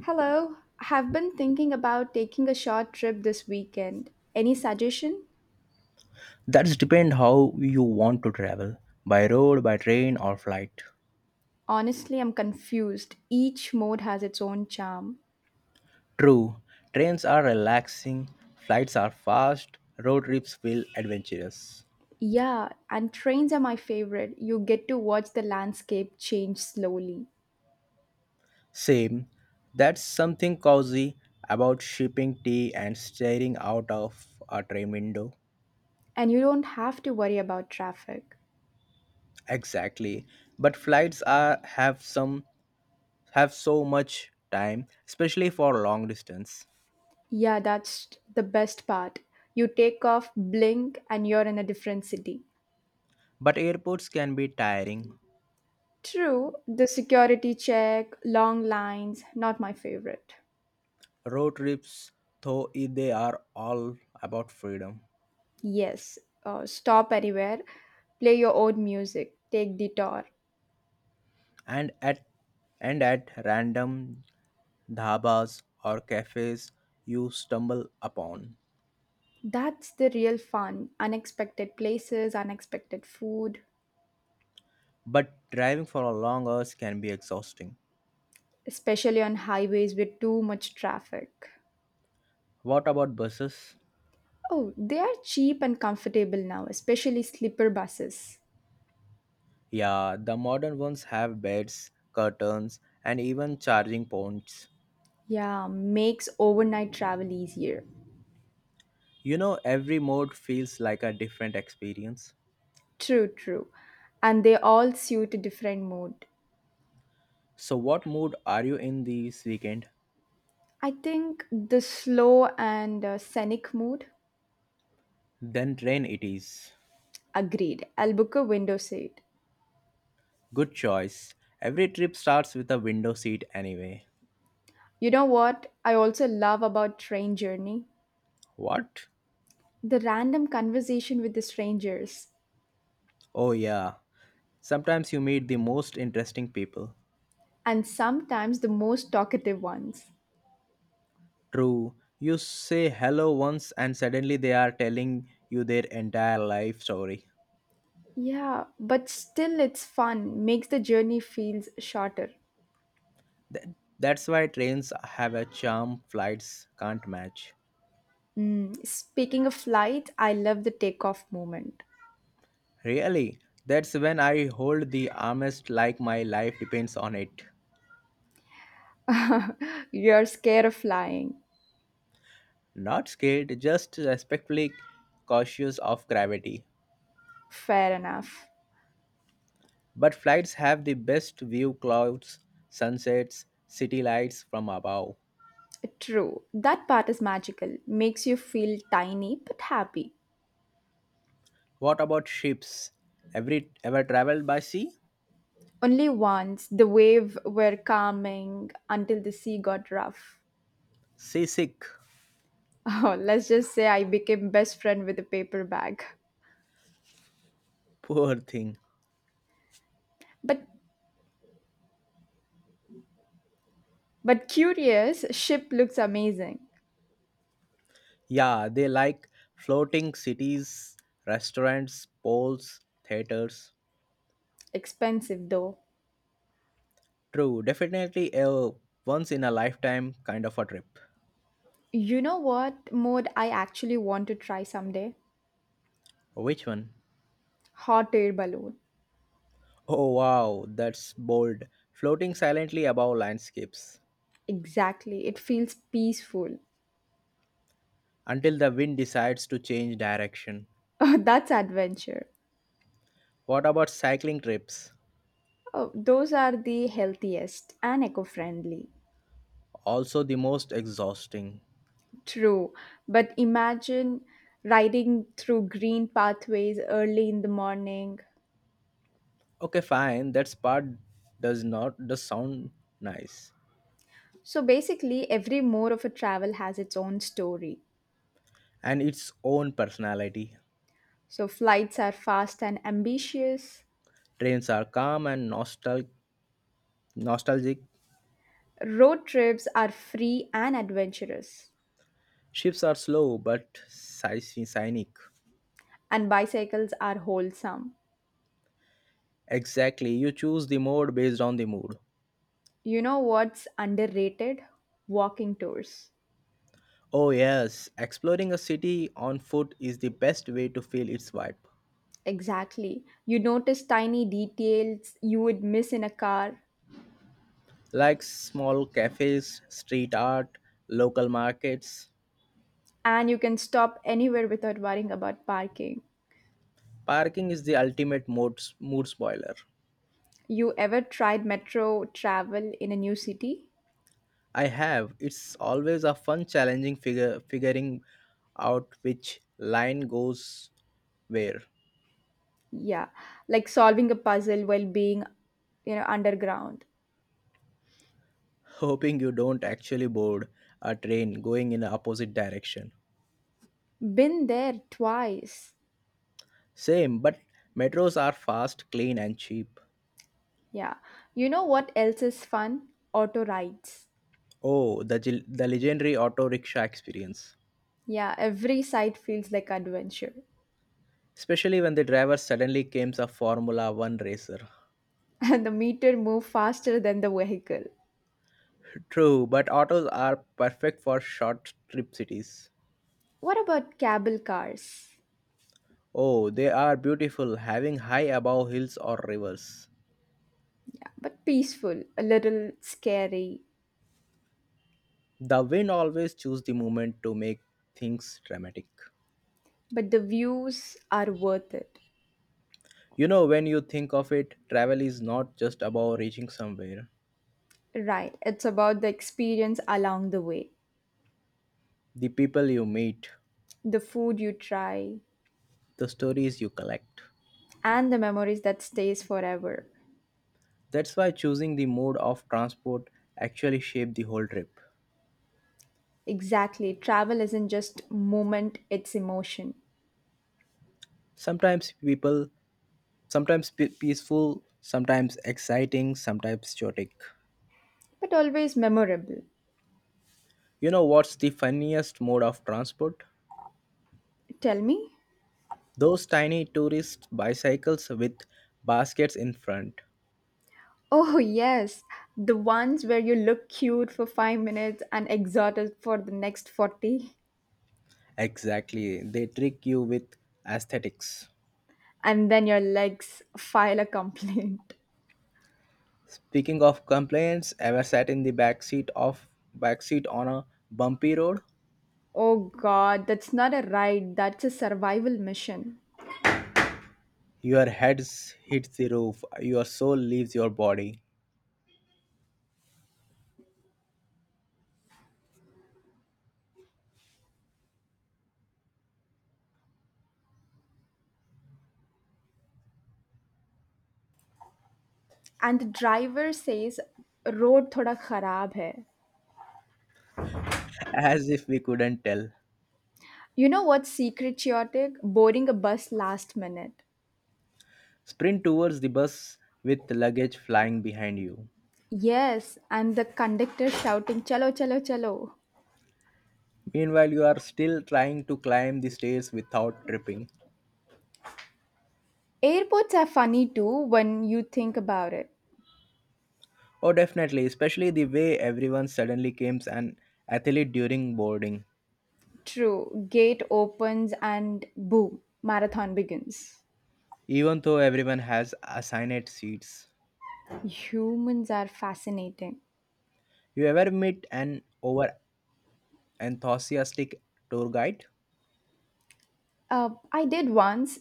Hello, have been thinking about taking a short trip this weekend. Any suggestion? That's depend how you want to travel, by road, by train or flight. Honestly, I'm confused. Each mode has its own charm. True, trains are relaxing, flights are fast, road trips feel adventurous. Yeah, and trains are my favorite. You get to watch the landscape change slowly, Same, that's something cozy about sipping tea and staring out of a train window. and you don't have to worry about traffic. Exactly. But flights are have some have so much time, especially for long distance. Yeah, that's the best part. You take off, blink, and you're in a different city. But airports can be tiring. True, the security check, long lines, not my favorite. Road trips, they are all about freedom. Yes, stop anywhere, play your own music, take the tour. And at and at random dhabas or cafes you stumble upon. That's the real fun. Unexpected places, unexpected food, But driving for long hours can be exhausting. especially on highways with too much traffic. What about buses? Oh, they are cheap and comfortable now, especially sleeper buses. Yeah, the modern ones have beds, curtains, and even charging points. Yeah, makes overnight travel easier. You know, every mode feels like a different experience. True, true. And they all suit a different mood. So, what mood are you in this weekend? I think the slow and scenic mood. Then train it is. Agreed. I'll book a window seat. Good choice. Every trip starts with a window seat anyway. You know what I also love about train journey? What? The random conversation with the strangers Oh, yeah. Sometimes you meet the most interesting people. and sometimes the most talkative ones. True. You say hello once and suddenly they are telling you their entire life story. Yeah, but still it's fun, makes the journey feels shorter. Th- that's why trains have a charm flights can't match. Speaking of flight, I love the takeoff moment. Really? That's when I hold the armrest like my life depends on it. You're scared of flying. Not scared, just respectfully cautious of gravity. Fair enough. But flights have the best view clouds, sunsets, city lights from above. True. That part is magical. Makes you feel tiny but happy. What about ships? Every ever traveled by sea? Only once the wave were calming until the sea got rough. Seasick, Oh, let's just say I became best friend with a paper bag. poor thing. But but curious, ship looks amazing. Yeah, they like floating cities, restaurants, malls, theaters. Expensive though. True, definitely a once in a lifetime kind of a trip. You know what mode I actually want to try someday? Which one? Hot air balloon. Oh wow, that's bold. Floating silently above landscapes Exactly. It feels peaceful. until the wind decides to change direction. Oh, that's adventure. What about cycling trips? Oh, those are the healthiest and eco-friendly. Also the most exhausting. True, but imagine riding through green pathways early in the morning. Okay, fine, that part does not does sound nice. So basically, every mode of a travel has its own story. And its own personality. So flights are fast and ambitious, Trains are calm and nostalgic. road trips are free and adventurous, Ships are slow but scenic. and bicycles are wholesome. Exactly, you choose the mode based on the mood. You know what's underrated? Walking tours. Oh yes, exploring a city on foot is the best way to feel its vibe. Exactly. You notice tiny details you would miss in a car, Like small cafes, street art, local markets. and you can stop anywhere without worrying about parking. Parking is the ultimate mood spoiler. You ever tried metro travel in a new city? I have. It's always a fun, challenging figure figuring out which line goes where. Yeah, like solving a puzzle while being, you know, underground. Hoping you don't actually board a train going in the opposite direction. Been there twice. Same, but metros are fast, clean, and cheap. Yeah. You know what else is fun? Auto rides. Oh, the legendary auto rickshaw experience. Yeah, every side feels like adventure. Especially when the driver suddenly comes a Formula One racer. And the meter move faster than the vehicle. True, but autos are perfect for short trip cities. What about cable cars? Oh, they are beautiful, having high above hills or rivers. Yeah, but peaceful, a little scary, The wind always chooses the moment to make things dramatic. but the views are worth it. You know, when you think of it, travel is not just about reaching somewhere. Right, it's about the experience along the way. The people you meet, The food you try the stories you collect. and the memories that stays forever. That's why choosing the mode of transport actually shapes the whole trip. Exactly, travel isn't just moment, it's emotion, Sometimes people, sometimes peaceful, sometimes exciting, sometimes chaotic. but always memorable. You know what's the funniest mode of transport? Tell me. Those tiny tourist bicycles with baskets in front. Oh yes, the ones where you look cute for 5 minutes and exhausted for the next 40, Exactly, they trick you with aesthetics. and then your legs file a complaint. Speaking of complaints, ever sat in the back seat of back seat on a bumpy road? Oh god, that's not a ride, that's a survival mission. Your head hits the roof, your soul leaves your body. And the driver says road thoda kharab hai. As if we couldn't tell. You know what's secret chaotic? Boarding a bus last minute. Sprint towards the bus with luggage flying behind you. Yes, and the conductor shouting, Chalo, chalo, chalo. Meanwhile, you are still trying to climb the stairs without tripping. Airports are funny too when you think about it. Oh, definitely, especially the way everyone suddenly becomes an athlete during boarding, True, gate opens and boom, marathon begins. even though everyone has assigned seats. Humans are fascinating. You ever meet an over enthusiastic tour guide? I did once.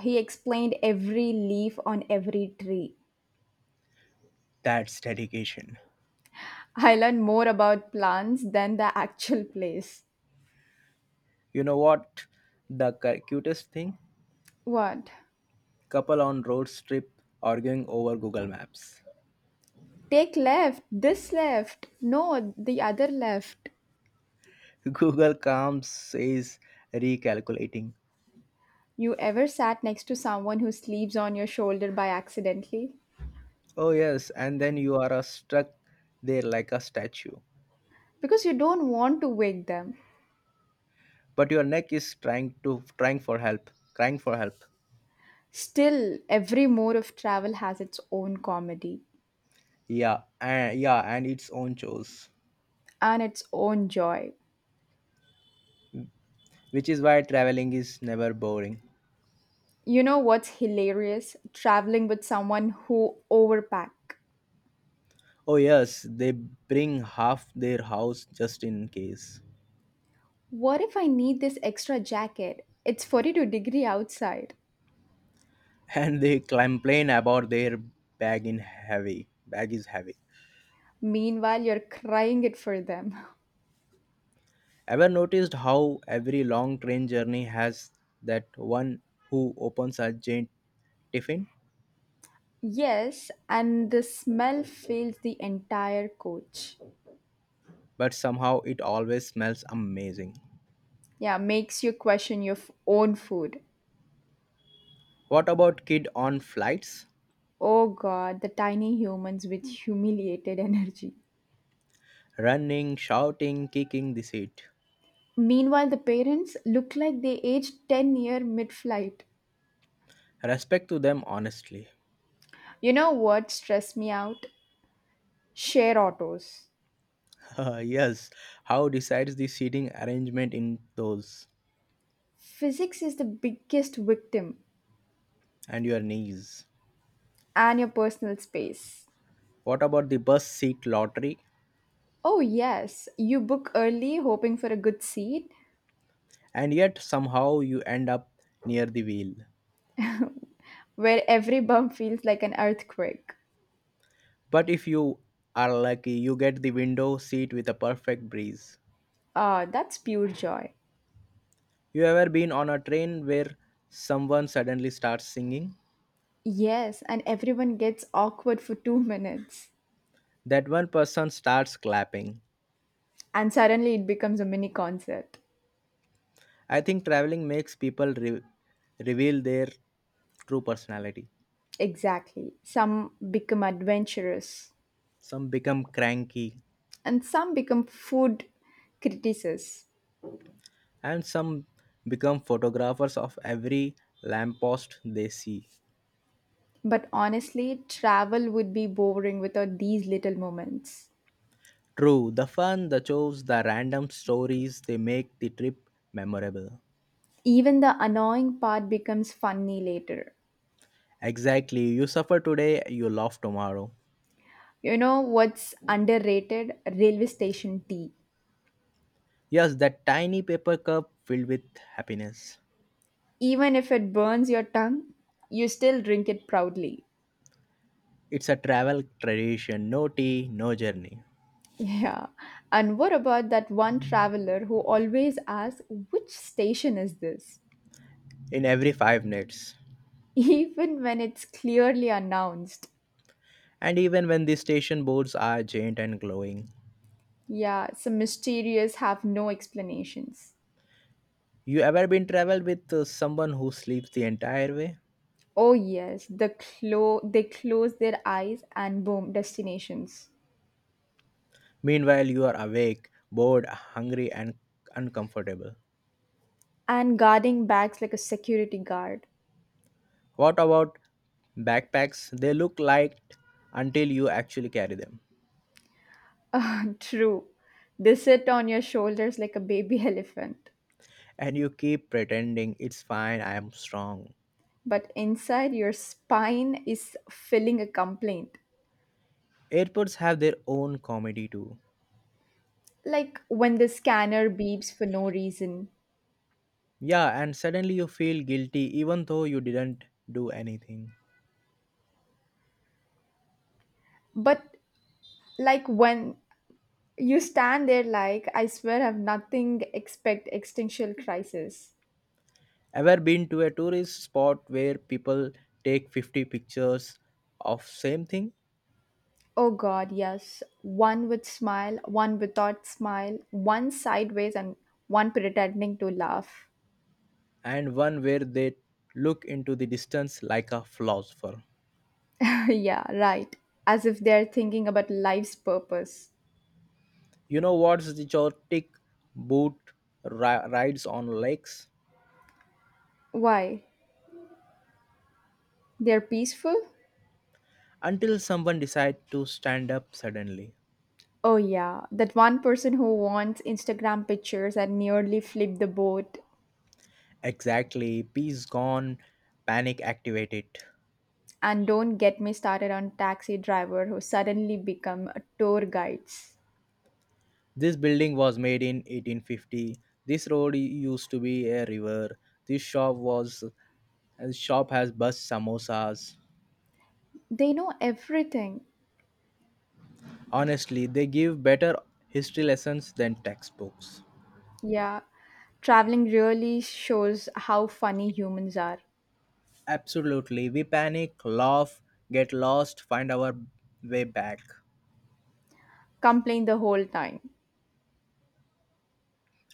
He explained every leaf on every tree. That's dedication. I learned more about plants than the actual place. You know what? The cutest thing? What? Couple on road trip arguing over Google Maps. Take left, this left, no, the other left. Google Calms says recalculating. You ever sat next to someone who sleeps on your shoulder by accidentally? Oh, yes, and then you are struck there like a statue. Because you don't want to wake them. But your neck is trying for help crying for help. Still, every mode of travel has its own comedy Yeah, and its own chores, and its own joy. which is why traveling is never boring. You know what's hilarious? Traveling with someone who overpack. Oh yes, they bring half their house just in case. What if I need this extra jacket? It's 42-degree outside. And they complain about their bag is heavy. Meanwhile, you're crying it for them. Ever noticed how every long train journey has that one who opens a giant tiffin, Yes, and the smell fills the entire coach. but somehow it always smells amazing. Yeah, makes you question your own food. What about kid on flights Oh god, the tiny humans with humiliated energy. running, shouting, kicking the seat? Meanwhile, the parents look like they aged 10-year mid flight. Respect to them, honestly. You know what stressed me out? Share autos. Yes, how decides the seating arrangement in those? Physics is the biggest victim And your knees? and your personal space. What about the bus seat lottery? Oh, yes, you book early hoping for a good seat, And yet somehow you end up near the wheel. where every bump feels like an earthquake. But if you are lucky, you get the window seat with a perfect breeze. Ah, that's pure joy. You ever been on a train where someone suddenly starts singing? Yes, and everyone gets awkward for 2 minutes. That one person starts clapping. And suddenly it becomes a mini concert. I think traveling makes people reveal their true personality. Exactly. Some become adventurous, Some become cranky, and some become food critics. and some become photographers of every lamppost they see. But honestly, travel would be boring without these little moments. True, the fun, the chores, the random stories, they make the trip memorable. Even the annoying part becomes funny later. Exactly, you suffer today, you laugh tomorrow. You know what's underrated? Railway station tea. Yes, that tiny paper cup filled with happiness. Even if it burns your tongue, you still drink it proudly. It's a travel tradition, no tea, no journey. Yeah. And what about that one traveler who always asks, which station is this? In every 5 minutes. Even when it's clearly announced. And even when the station boards are giant and glowing, Yeah, some mysterious have no explanations. you ever been travel with someone who sleeps the entire way? Oh yes, the they close their eyes and boom, destinations. Meanwhile, you are awake, bored, hungry, and uncomfortable. And guarding bags like a security guard. What about backpacks? They look light until you actually carry them, Ah, true. They sit on your shoulders like a baby elephant. and you keep pretending it's fine. I am strong. But inside your spine is filling a complaint. Airports have their own comedy too. Like when the scanner beeps for no reason, Yeah, and suddenly you feel guilty even though you didn't do anything. but like when you stand there like I swear I've nothing expect existential crisis. Ever been to a tourist spot where people take 50 pictures of same thing Oh god yes, one with smile, one without smile, one sideways, and one pretending to laugh. and one where they look into the distance like a philosopher? Yeah right, as if they're thinking about life's purpose. You know what's the chaotic boat rides on lakes Why? They're peaceful. until someone decides to stand up suddenly. Oh yeah, that one person who wants Instagram pictures and nearly flipped the boat. Exactly, peace gone, panic activated. And don't get me started on taxi driver who suddenly become tour guides. This building was made in 1850. This road used to be a river. This shop was this shop has bus samosas. They know everything. Honestly, they give better history lessons than textbooks. Yeah, traveling really shows how funny humans are. Absolutely. We panic, laugh, get lost, find our way back, Complain the whole time.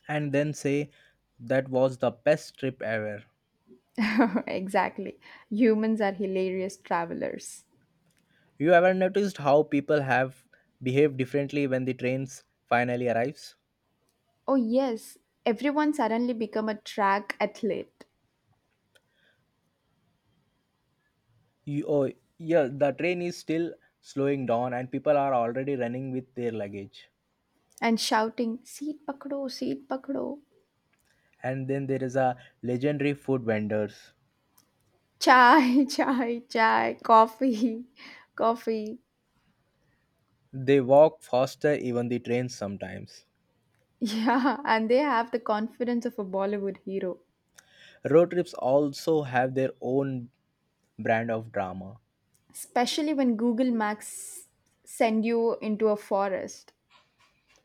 and then say that was the best trip ever. Exactly. Humans are hilarious travelers. You ever noticed how people have behaved differently when the trains finally arrives? Oh yes, everyone suddenly become a track athlete You, oh, yeah, the train is still slowing down and people are already running with their luggage. and shouting seat pakdo, seat pakdo. And then there is a legendary food vendors. Chai, chai, chai, coffee, coffee. They walk faster even the trains sometimes. Yeah, and they have the confidence of a Bollywood hero, Road trips also have their own brand of drama especially when Google Maps send you into a forest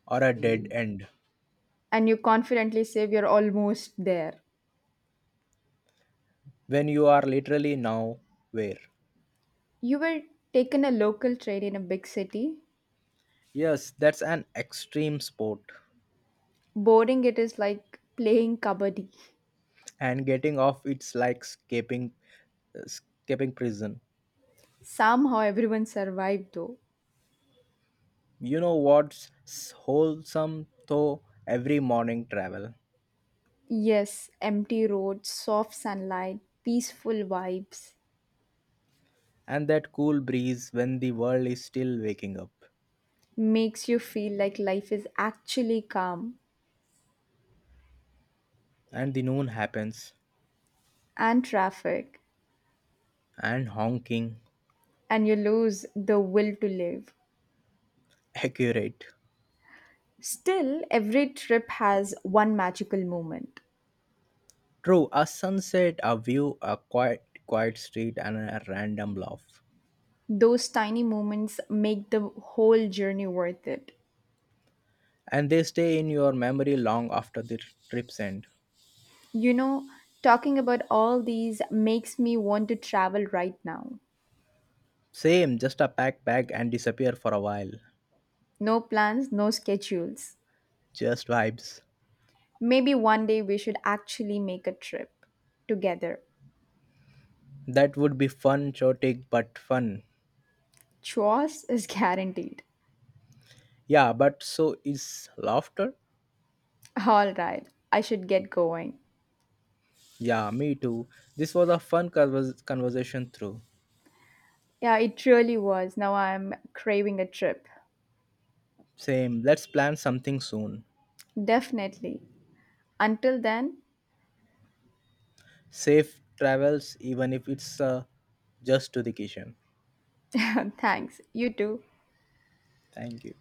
or a dead end and you confidently say you're almost there. when you are literally now where. You were taken a local train in a big city. Yes, that's an extreme sport Boarding it is like playing kabaddi. and getting off it's like escaping prison. Somehow everyone survived though. You know what's wholesome though? Every morning travel. Yes, empty roads, soft sunlight, peaceful vibes, And that cool breeze when the world is still waking up. makes you feel like life is actually calm, And the noon happens. and traffic, And honking. and you lose the will to live. Accurate. Still, every trip has one magical moment. True, a sunset, a view, a quiet street, and a random laugh. Those tiny moments make the whole journey worth it. And they stay in your memory long after the trip's end. You know, talking about all these makes me want to travel right now. Same, just a pack bag and disappear for a while. No plans, no schedules. Just vibes. Maybe one day we should actually make a trip together. That would be fun, chaotic, but fun. Chores is guaranteed. Yeah, but so is laughter. All right, I should get going. Yeah, me too. This was a fun conversation through. Yeah, it really was. Now I'm craving a trip. Same. Let's plan something soon. Definitely. Until then, Safe travels, even if it's just to the kitchen. thanks. You too. Thank you.